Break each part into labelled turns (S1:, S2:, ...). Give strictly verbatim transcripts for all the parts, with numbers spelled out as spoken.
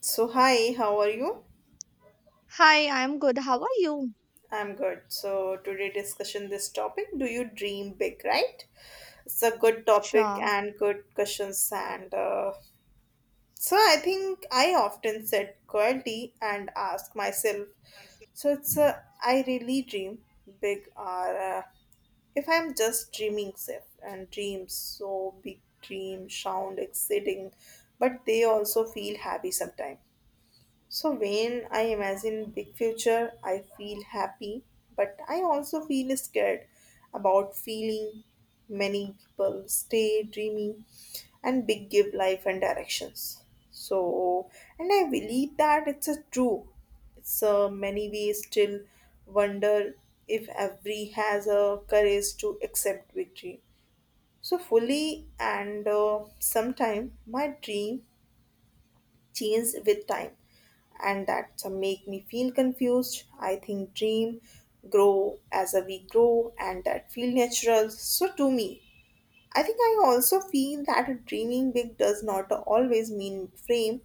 S1: So hi, how are you?
S2: Hi, I'm good. How are you?
S1: I'm good. So today discussion this topic. Do you dream big? Right? It's a good topic
S2: Sure.
S1: and good questions and uh, so I think I often set quality and ask myself. So it's a I really dream big or uh, if I'm just dreaming safe and dreams so big dreams sound exciting, but they also feel happy sometimes. So when I imagine big future, I feel happy, but I also feel scared about feeling many people stay dreamy and big give life and directions. So and I believe that it's a true. It's a many we still wonder if every has a courage to accept victory. So fully and uh, sometime my dream changed with time and that make me feel confused. I think dream, grow as a we grow, and that feel natural. So to me, I think I also feel that dreaming big does not always mean fame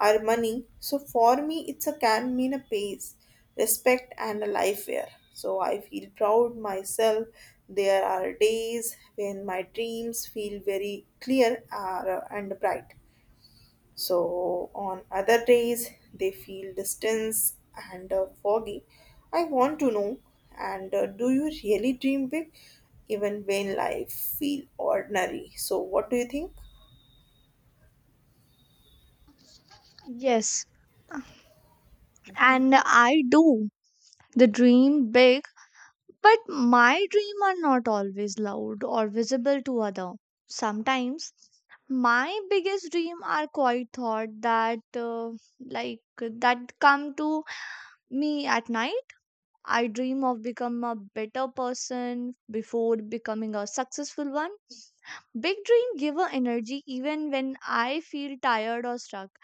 S1: or money. So for me, it's a can mean a pace, respect, and a life where. So I feel proud myself. There are days when my dreams feel very clear uh, and bright. So on other days, they feel distance and uh, foggy. I want to know, and uh, do you really dream big, even when life feel ordinary? So what do you think?
S2: Yes, and I do. The dream big, but my dream are not always loud or visible to other. Sometimes my biggest dream are quite thought that uh, like that come to me at night. I dream of become a better person before becoming a successful one. Big dream give a energy even when I feel tired or stuck.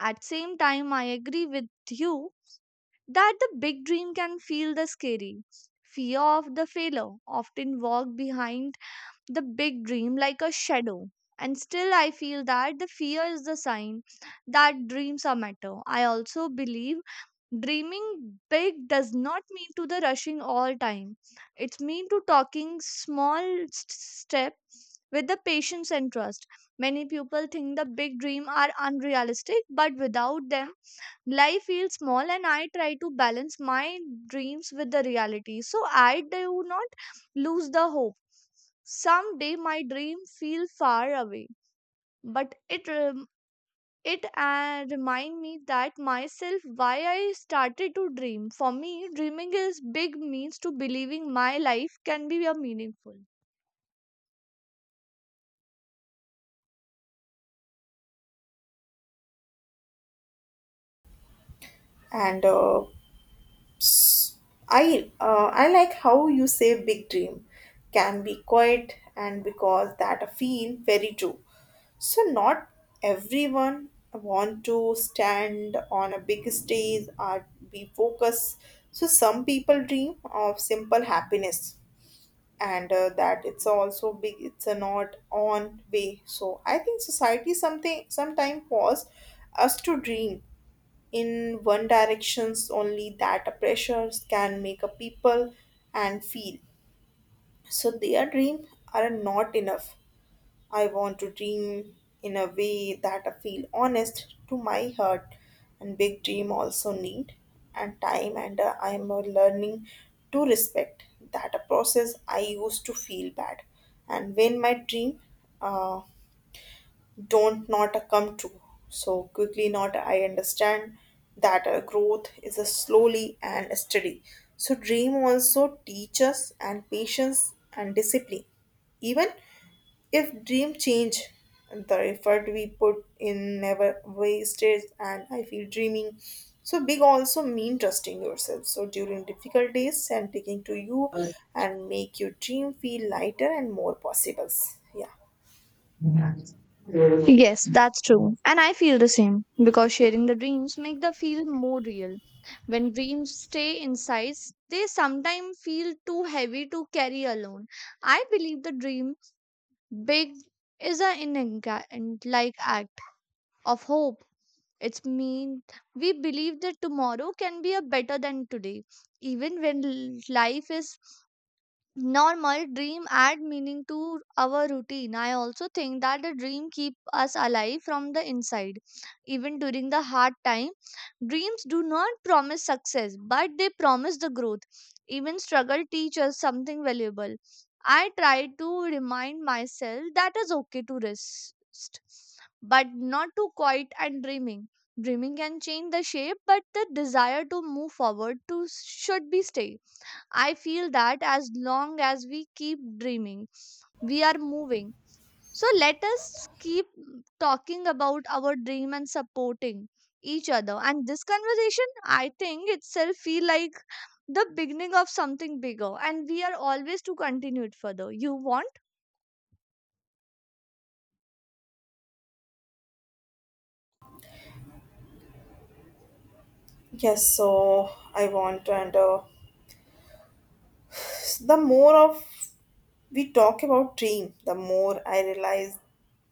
S2: At same time I agree with you that the big dream can feel the scary. Fear of the failure often walk behind the big dream like a shadow. And still, I feel that the fear is the sign that dreams are matter. I also believe dreaming big does not mean to the rushing all time. It's mean to talking small s- step with the patience and trust. Many people think the big dream are unrealistic, but without them, life feels small, and I try to balance my dreams with the reality so I do not lose the hope. Someday my dream feel far away, but it rem- it uh, remind me that myself why I started to dream. For me, dreaming is big means to believing my life can be a meaningful.
S1: And uh, I uh, I like how you say big dream can be quiet and because that I feel very true. So not everyone want to stand on a big stage or be focused. So some people dream of simple happiness and uh, that it's also big it's a not on way. So I think society something sometime force us to dream in one directions only that pressures can make a people and feel so their dream are not enough. I want to dream in a way that I feel honest to my heart and big dream also need and time and uh, i am uh, learning to respect that a process. I used to feel bad and when my dream uh, don't not come true so quickly not I understand that uh, growth is a slowly and steady. So dream also teach us and patience and discipline even if dream change the effort we put in never wasted and I feel dreaming so big also mean trusting yourself so during difficult days and taking to you and make your dream feel lighter and more possible. Yeah.
S2: Yes, that's true. And I feel the same because sharing the dreams make the feel more real. When dreams stay in size, they sometimes feel too heavy to carry alone. I believe the dream big is an inherent like act of hope. It's mean we believe that tomorrow can be a better than today, even when l- life is normal. Dream add meaning to our routine. I also think that the dream keep us alive from the inside even during the hard time. Dreams do not promise success, but they promise the growth. Even struggle teach us something valuable. I try to remind myself that is okay to rest, but not to quiet and dreaming dreaming can change the shape, but the desire to move forward to should be stay. I feel that as long as we keep dreaming, we are moving. So let us keep talking about our dream and supporting each other. And this conversation, I think itself feel like the beginning of something bigger. And we are always to continue it further. You want?
S1: Yes, so I want to and uh, the more of we talk about dream, the more I realize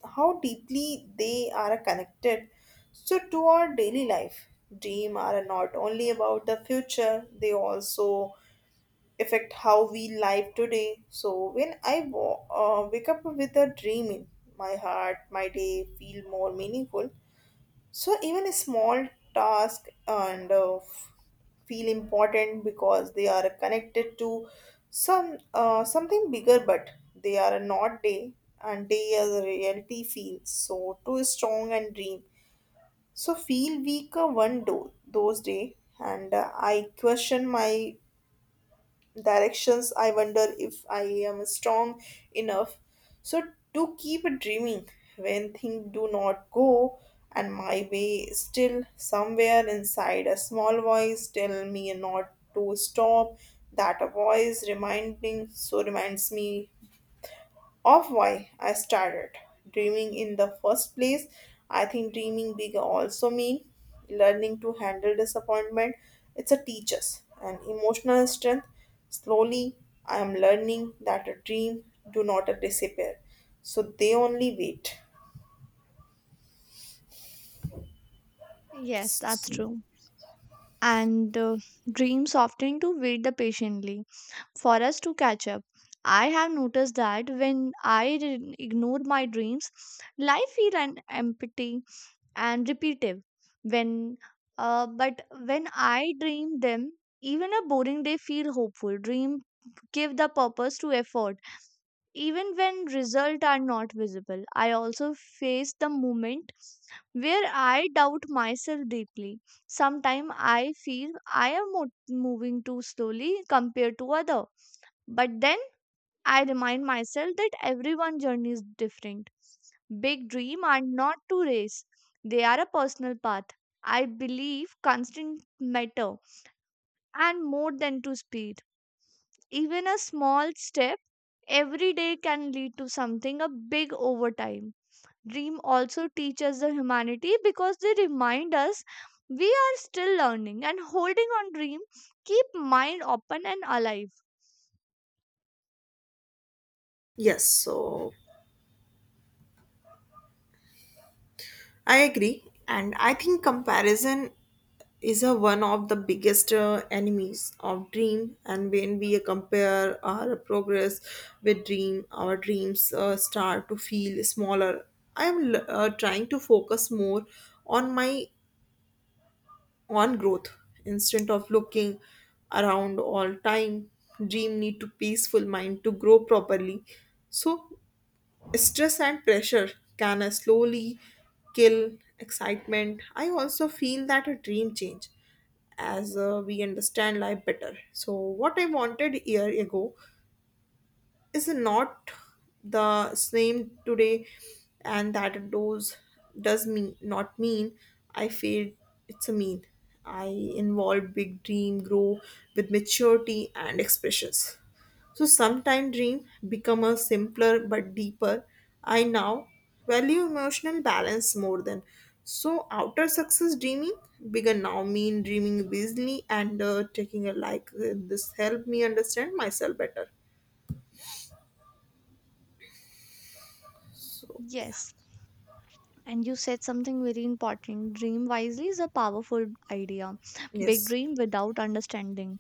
S1: how deeply they are connected. So to our daily life, dream are not only about the future; they also affect how we live today. So when I wa- uh, wake up with a dream in my heart, my day feel more meaningful. So even a small task and uh, feel important because they are connected to some uh, something bigger, but they are not day and day as a reality feels so too strong and dream. So feel weaker one do- those day and uh, I question my directions. I wonder if I am strong enough. So to keep dreaming when things do not go and my way still somewhere inside a small voice tell me not to stop. That voice reminding so reminds me of why I started dreaming in the first place. I think dreaming big also means learning to handle disappointment. It's a teacher's and emotional strength. Slowly, I am learning that a dream do not disappear, so they only wait.
S2: Yes, that's true. And uh, Dreams often to wait the patiently for us to catch up. I have noticed that when I did ignore my dreams, life feel an empty and repetitive when uh, but when I dream them, even a boring day feel hopeful. Dream give the purpose to effort even when results are not visible. I also face the moment where I doubt myself deeply. Sometimes I feel I am mo- moving too slowly compared to other, but then I remind myself that everyone's journey is different. Big dreams are not to race, they are a personal path. I believe constant matter and more than to speed. Even a small step every day can lead to something a big over time. Dream also teaches the humanity because they remind us we are still learning, and holding on dream keep mind open and alive.
S1: Yes, so I agree, and I think comparison is a one of the biggest uh, enemies of dream. And when we compare our progress with dream our dreams uh, start to feel smaller. I am uh, trying to focus more on my own growth instead of looking around all time. Dream need to peaceful mind to grow properly. So stress and pressure can uh, slowly kill excitement. I also feel that a dream change as uh, we understand life better. So, what I wanted a year ago is not the same today and that does does mean not mean I feel it's a mean I involve big dream grow with maturity and expressions. So sometime dream become a simpler but deeper. I now value emotional balance more than. So outer success dreaming bigger now mean dreaming busily and uh, taking a like. Uh, This helped me understand myself better. So
S2: Yes. And you said something very important. Dream wisely is a powerful idea. Big
S1: yes.
S2: dream without understanding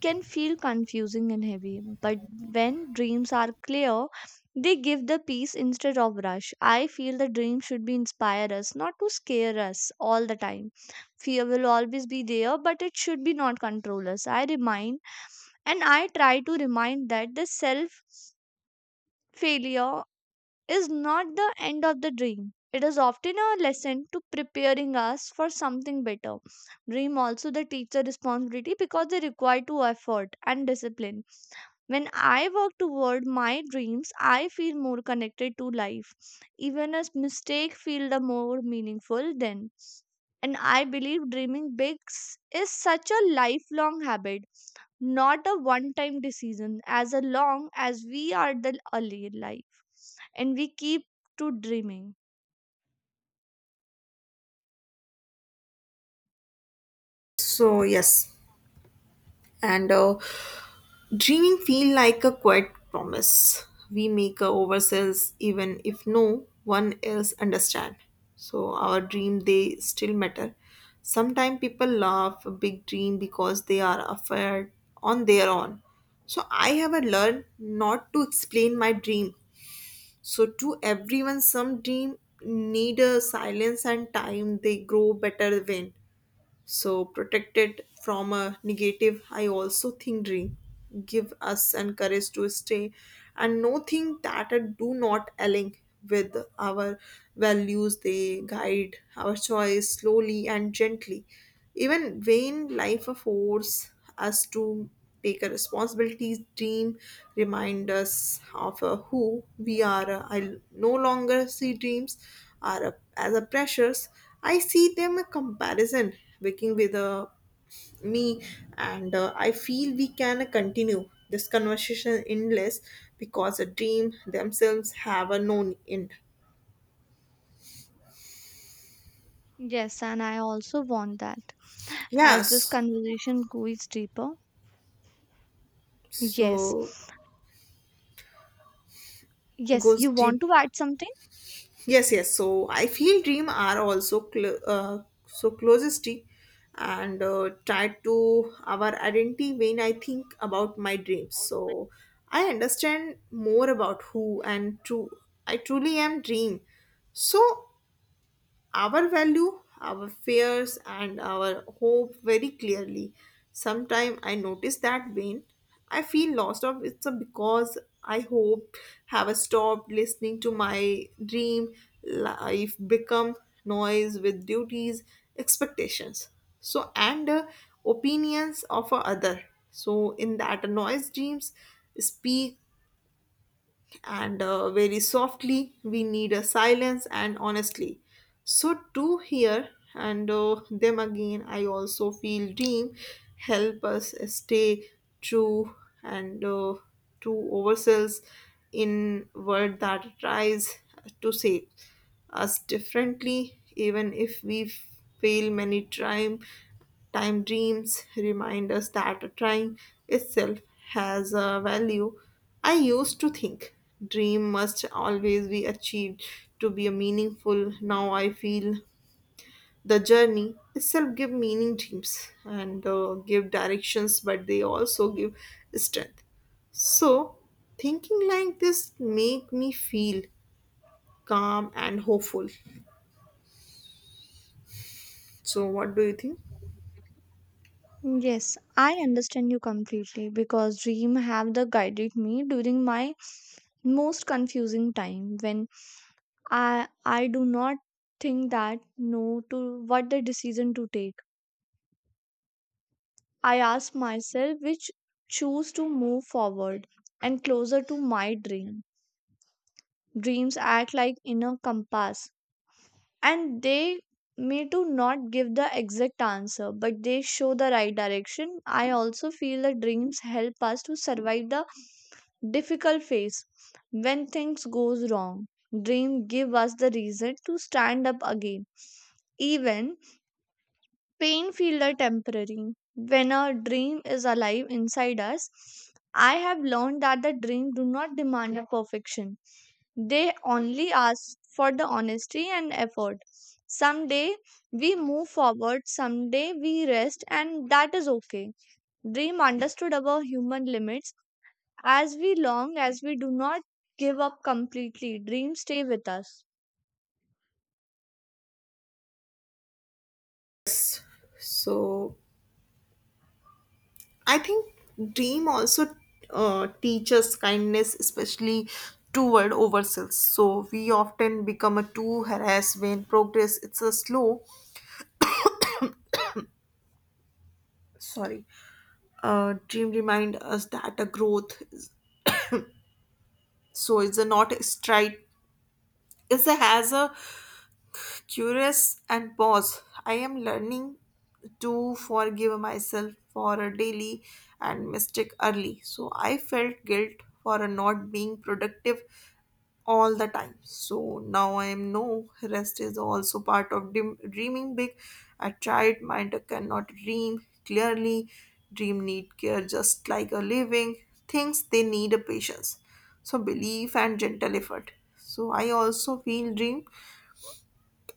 S2: can feel confusing and heavy, but when dreams are clear, they give the peace instead of rush. I feel the dream should be inspire us, not to scare us all the time. Fear will always be there, but it should be not control us. I remind, and I try to remind that the self failure is not the end of the dream. It is often a lesson to preparing us for something better. Dream also the teacher responsibility because they require to effort and discipline. When I work toward my dreams, I feel more connected to life. Even a mistake feel the more meaningful then. And I believe dreaming big s- is such a lifelong habit, not a one time decision, as a long as we are the early life and we keep to dreaming.
S1: So yes, and uh, dreaming feel like a quiet promise we make uh, ourselves even if no one else understand. So our dream they still matter. Sometimes people laugh a big dream because they are afraid on their own. So I have uh, learned not to explain my dream. So to everyone, some dream need a silence and time. They grow better when so protect it from a negative. I also think dream give us and courage to stay and no thing that are do not align with our values. They guide our choice slowly and gently. Even vain life force us to take a responsibilities. Dream remind us of uh, who we are uh, i no longer see dreams are a, as a pressures. I see them a comparison working with uh, me and uh, I feel we can continue this conversation endless because a dream themselves have a known end.
S2: Yes, and I also want that, as this
S1: Yes,
S2: conversation goes deeper. Yes.
S1: so
S2: Yes,
S1: goes
S2: you want
S1: deep.
S2: to add something?
S1: Yes, yes. So I feel dream are also cl- uh, so closely and uh, tied to our identity. When I think about my dreams. So I understand more about who and true I truly am dream. So our value, our fears, and our hope very clearly. Sometimes I notice that when I feel lost of it's a because I hope have stopped listening to my dream. Life become noise with duties, expectations, so and uh, opinions of a other. So in that noise dreams speak and uh, very softly. We need a silence and honestly so to hear and uh, them again. I also feel dream help us stay true and uh, to ourselves in word that tries to save us differently even if we fail many time. Time dreams remind us that trying itself has a value. I used to think dream must always be achieved to be a meaningful. Now I feel the journey itself give meaning dreams and uh, give directions, but they also give strength. So thinking like this make me feel calm and hopeful. So what do you think?
S2: Yes, I understand you completely because dream have the guided me during my most confusing time when i i do not think that no to what the decision to take. I ask myself which choose to move forward and closer to my dream. Dreams act like inner compass, and they may to not give the exact answer, but they show the right direction. I also feel that dreams help us to survive the difficult phase when things goes wrong. Dream give us the reason to stand up again even pain feel are temporary. When a dream is alive inside us, I have learned that the dream do not demand a perfection. They only ask for the honesty and effort. Someday we move forward, someday we rest, and that is okay. Dream understood our human limits as we long as we do not give up completely. Dreams stay with us.
S1: Yes. So I think dream also uh, teaches kindness, especially toward ourselves. So we often become a too harassed when progress it's a slow. Sorry, uh, dream remind us that a growth is- so is a not a stride. Is a has a curious and pause. I am learning to forgive myself for a daily and mistake early. So I felt guilt for a not being productive all the time. So now I am no rest is also part of dream, dreaming big. A child mind cannot dream clearly. Dream need care just like a living things. They need a patience. So belief and gentle effort. So I also feel dream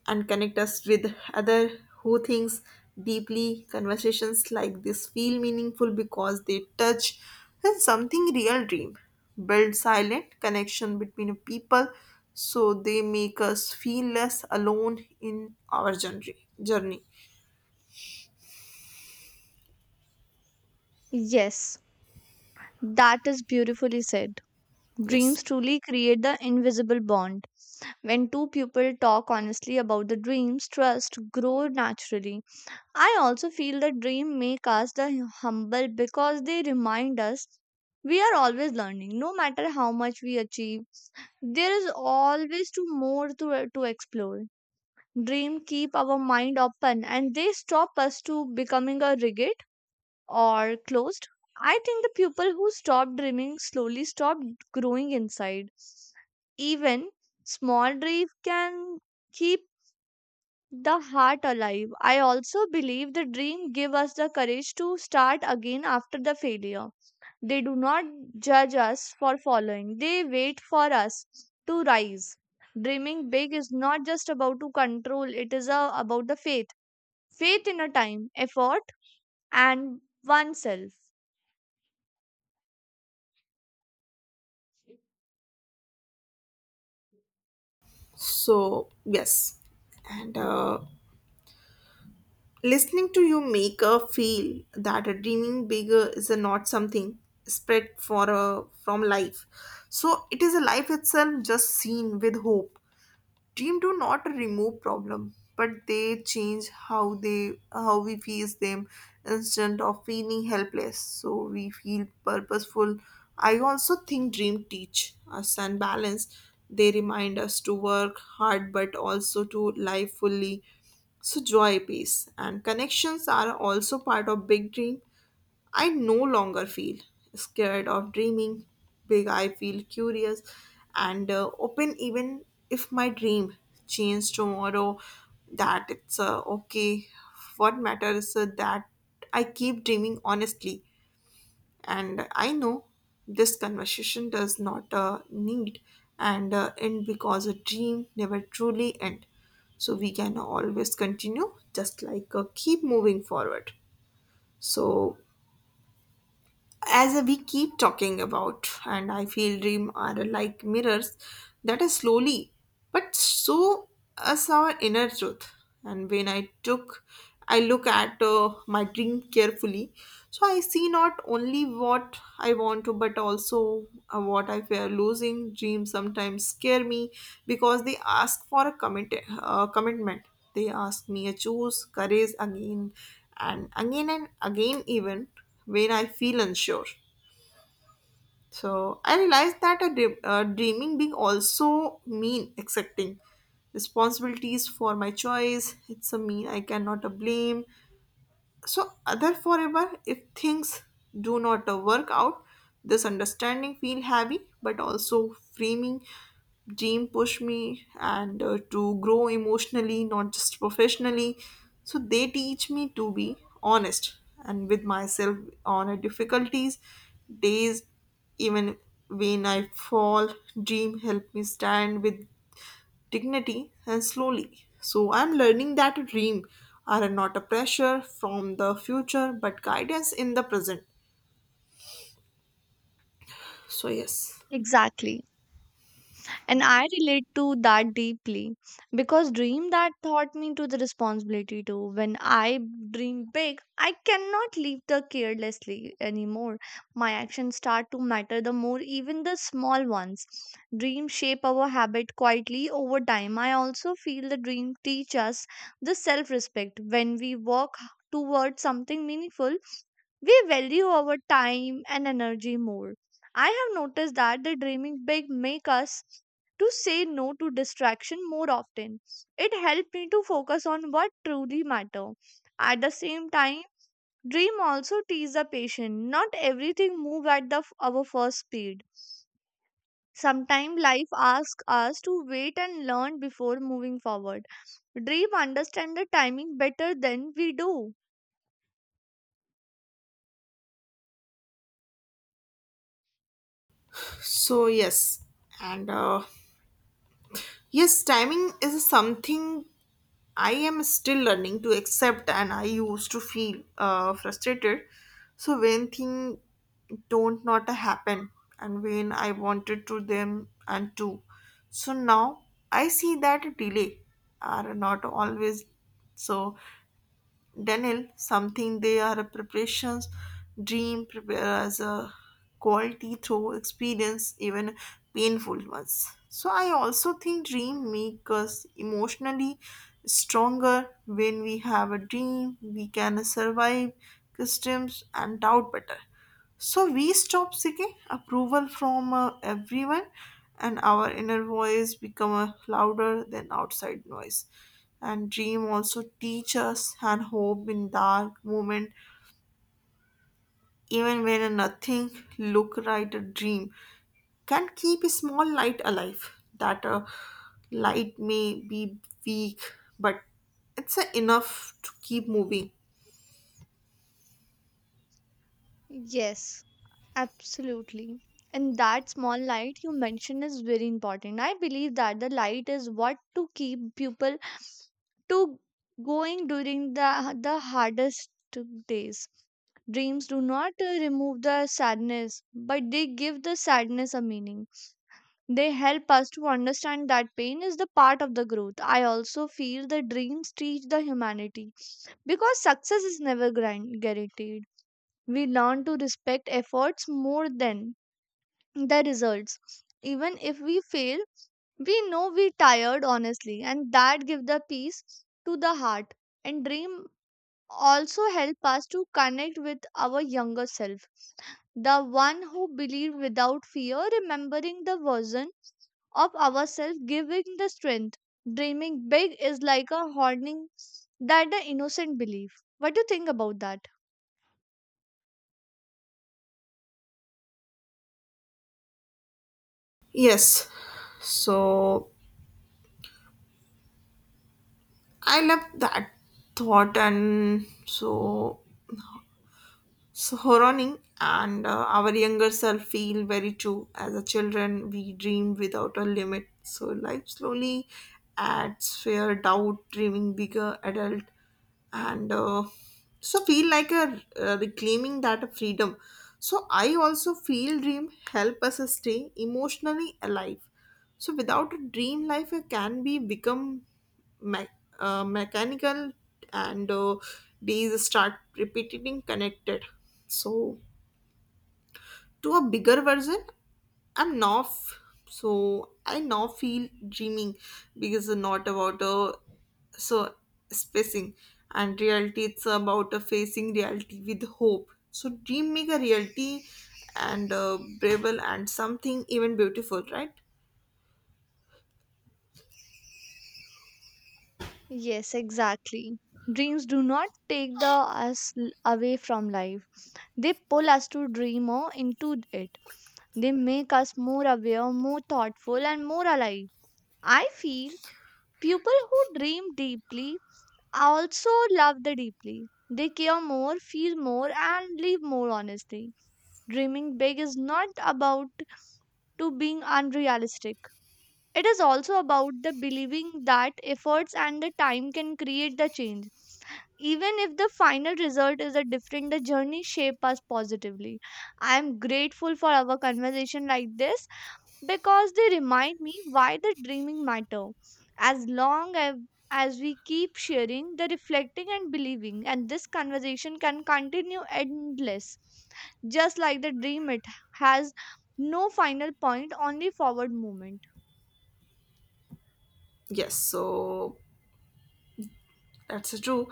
S1: and connect us with other who thinks deeply. Conversations like this feel meaningful because they touch on something real. Dream build silent connection between people so they make us feel less alone in our journey journey
S2: Yes, that is beautifully said.
S1: Yes,
S2: Dreams truly create the invisible bond. When two people talk honestly about the dreams, trust grows naturally. I also feel that dreams make us the humble because they remind us we are always learning. No matter how much we achieve, there is always to more to, to explore. Dream keep our mind open, and they stop us to becoming a rigid or closed. I think the people who stop dreaming slowly stop growing inside. Even small dreams can keep the heart alive. I also believe the dream give us the courage to start again after the failure. They do not judge us for following. They wait for us to rise. Dreaming big is not just about to control, it is uh, about the faith. Faith in a time, effort, and oneself.
S1: so yes and uh, listening to you make her feel that a dreaming bigger is a not something spread for a, from life. So it is a life itself just seen with hope. Dream do not remove problem, but they change how they how we face them instead of feeling helpless. So we feel purposeful. I also think dream teach us and balance. They remind us to work hard but also to live fully. So joy, peace, and connections are also part of big dream. I no longer feel scared of dreaming big. I feel curious and uh, open, even if my dream changes tomorrow. That it's uh, okay. What matters is that I keep dreaming honestly, and I know this conversation does not uh, need and uh, end because a dream never truly end. So we can always continue, just like uh, keep moving forward. So as we keep talking about and I feel dream are like mirrors that are slowly but so us our inner truth. And when i took i look at uh, my dream carefully so I see not only what I want to but also uh, what I fear losing. Dreams sometimes scare me because they ask for a commit- uh, commitment. They ask me to choose courage again and again and again even when I feel unsure. So I realized that a dream, uh, dreaming being also mean accepting responsibilities for my choice. It's a mean I cannot uh, blame so, other forever, if things do not uh, work out, this understanding feel heavy, but also framing dream push me and uh, to grow emotionally, not just professionally. So they teach me to be honest and with myself on a difficulties days, even when I fall. Dream help me stand with dignity and slowly. So I'm learning that a dream are not a pressure from the future but guidance in the present. So yes.
S2: Exactly. And I relate to that deeply because dream that taught me to the responsibility too. When I dream big, I cannot leave the carelessly anymore. My actions start to matter the more, even the small ones. Dreams shape our habit quietly over time. I also feel the dream teach us the self respect. When we work towards something meaningful, we value our time and energy more. I have noticed that the dreaming big make us to say no to distraction more often. It helped me to focus on what truly matter. At the same time, dream also teaches the patient. Not everything move at the f- our first speed. Sometimes life asks us to wait and learn before moving forward. Dream understand the timing better than we do.
S1: So yes. And uh, Yes, timing is something I am still learning to accept, and I used to feel uh, frustrated. So when things don't not happen, and when I wanted to them and to, so now I see that delay are not always so Daniel, something they are a preparations dream prepare as a quality through experience, even painful ones. So I also think dream make us emotionally stronger. When we have a dream, we can survive customs and doubt better. So we stop seeking approval from uh, everyone, and our inner voice become uh, louder than outside noise. And dream also teach us and hope in dark moment, even when nothing look right. A dream can keep a small light alive. That uh, light may be weak, but it's uh, enough to keep moving.
S2: Yes. Absolutely. And that small light you mentioned is very important. I believe that the light is what to keep people to going during the the hardest days. Dreams do not uh, remove the sadness, but they give the sadness a meaning. They help us to understand that pain is the part of the growth. I also feel the dreams teach the humanity because success is never guaran- guaranteed. We learn to respect efforts more than the results. Even if we fail, we know we tired honestly, and that give the peace to the heart. And dream also help us to connect with our younger self, the one who believed without fear. Remembering the version of ourselves giving the strength. Dreaming big is like a honing that the innocent belief. What do you think about that?
S1: Yes, so I love that thought, and so So Horoning and uh, our younger self feel very true. As a children, we dream without a limit. So life slowly adds fear, doubt, dreaming bigger, adult, and uh, so feel like a uh, reclaiming that freedom. So I also feel dream help us stay emotionally alive. So without a dream life, uh, can be become me- uh, mechanical and uh, these start repeating connected so to a bigger version i'm now f- so I now feel dreaming because it's not about a so spacing and reality it's about a facing reality with hope so dream make a reality and uh, brave and something even beautiful right
S2: Yes, exactly. Dreams do not take the us l- away from life. They pull us to dream more into it. They make us more aware, more thoughtful, and more alive. I feel people who dream deeply also love the deeply. They care more, feel more, and live more honestly. Dreaming big is not about to being unrealistic. It is also about the believing that efforts and the time can create the change. Even if the final result is a different, the journey shape us positively. I am grateful for our conversation like this because they remind me why the dreaming matter. As long as as we keep sharing the reflecting and believing, and this conversation can continue endless, just like the dream. It has no final point, only forward movement.
S1: yes so that's true.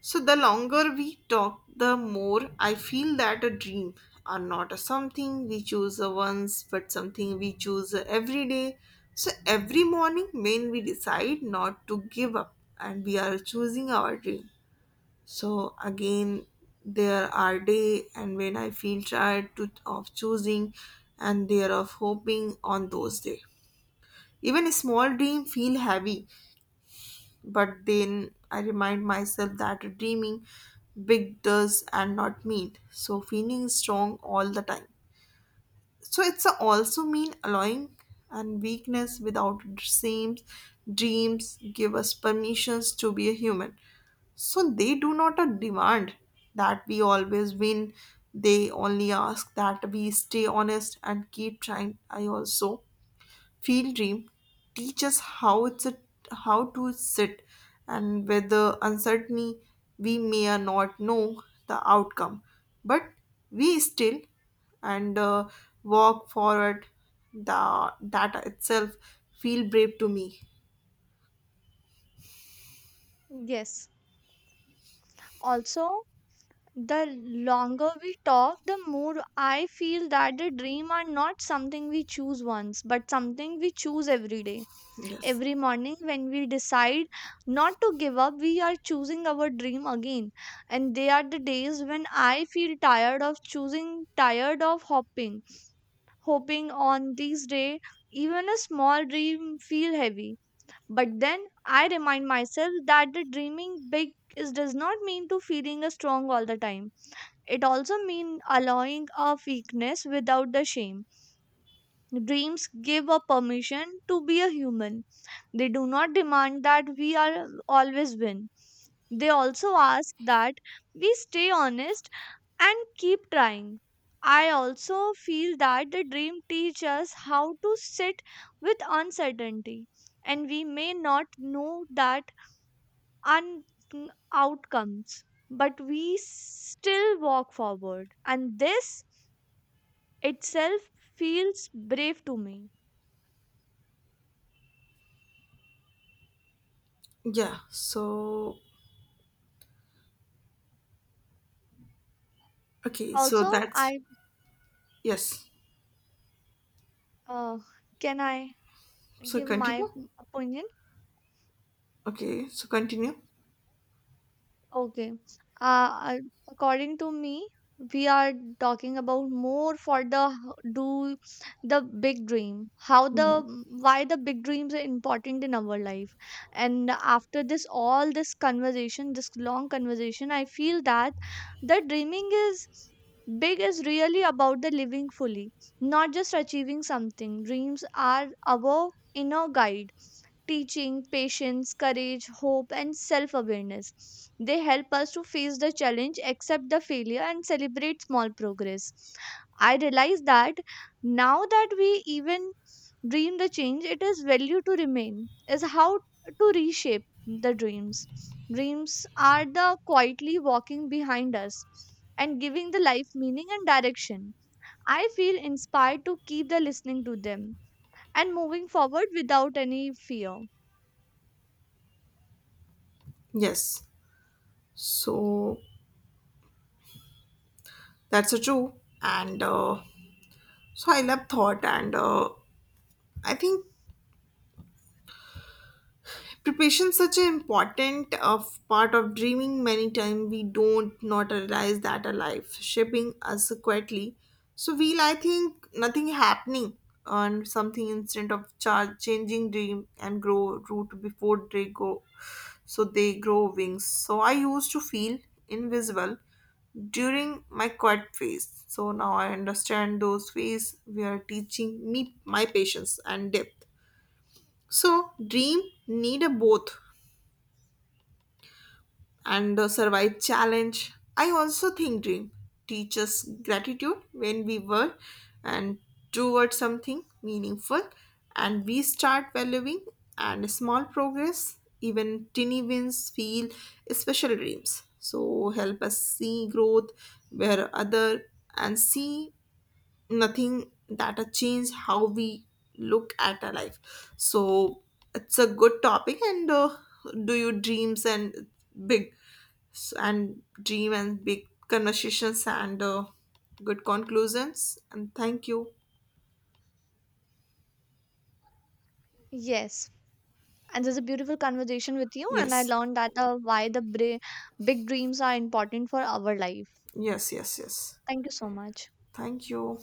S1: So the longer we talk, the more I feel that a dream are not a something we choose once, but something we choose every day. So every morning when we decide not to give up and we are choosing our dream. So again there are day and when I feel tired to, of choosing and there of hoping on those day. Even a small dream feel heavy but then I remind myself that dreaming big does and not mean. So feeling strong all the time. So it's a also mean allowing and weakness without seams. Dreams give us permissions to be a human. So they do not uh, demand that we always win. They only ask that we stay honest and keep trying. I also Field Dream teach us how it's a, how to sit and whether uncertainty we may or not know the outcome, but we still and uh, walk forward. The that itself feel brave to me.
S2: Yes. Also, the longer we talk, the more I feel that the dream are not something we choose once, but something we choose every day.
S1: Yes.
S2: Every morning, when we decide not to give up, we are choosing our dream again. And they are the days when I feel tired of choosing, tired of hoping. Hoping on these days, even a small dream feel heavy. But then I remind myself that the dreaming big is does not mean to feeling a strong all the time. It also means allowing our weakness without the shame. Dreams give a permission to be a human. They do not demand that we are always win. They also ask that we stay honest and keep trying. I also feel that the dream teaches us how to sit with uncertainty, and we may not know that un- outcomes, but we still walk forward. And this itself feels brave to me.
S1: Yeah. So okay. So
S2: Also,
S1: that's
S2: I
S1: yes.
S2: uh, can I
S1: So
S2: give
S1: continue.
S2: my opinion?
S1: Okay. So continue.
S2: Okay. Uh, According to me, we are talking about more for the h- do the big dream. How
S1: Mhm.
S2: the why the big dreams are important in our life. And after this, all this conversation, this long conversation, I feel that the dreaming is big is really about the living fully, not just achieving something. Dreams are our inner guide, teaching patience, courage, hope, and self awareness. They help us to face the challenge, accept the failure, and celebrate small progress. I realize that now that we even dream the change, it is value to remain, is how to reshape the dreams. Dreams are the quietly walking behind us and giving the life meaning and direction. I feel inspired to keep the listening to them and moving forward without any fear.
S1: Yes. So that's a true. And uh, So I love thought, and uh, I think preparation is such an important of part of dreaming. Many times we don't not realize that our life shaping us quietly. So we, I think, nothing happening on something instead of char- changing dream and grow root before they go. So they grow wings. So I used to feel invisible during my quiet phase. So now I understand those phase we are teaching me my patience and depth. So dream need a both and the survive challenge. I also think dream teaches gratitude when we work and towards something meaningful and we start valuing and small progress, even tiny wins feel special dreams. So help us see growth where other and see nothing that a change how we look at our life so it's a good topic and uh, do you dreams and big s- and dream and big conversations and uh, good conclusions and thank you
S2: Yes. And there's a beautiful conversation with you, and I
S1: yes
S2: learned that the why the bra- big dreams are important for our life.
S1: yes yes yes
S2: Thank you so much.
S1: thank you.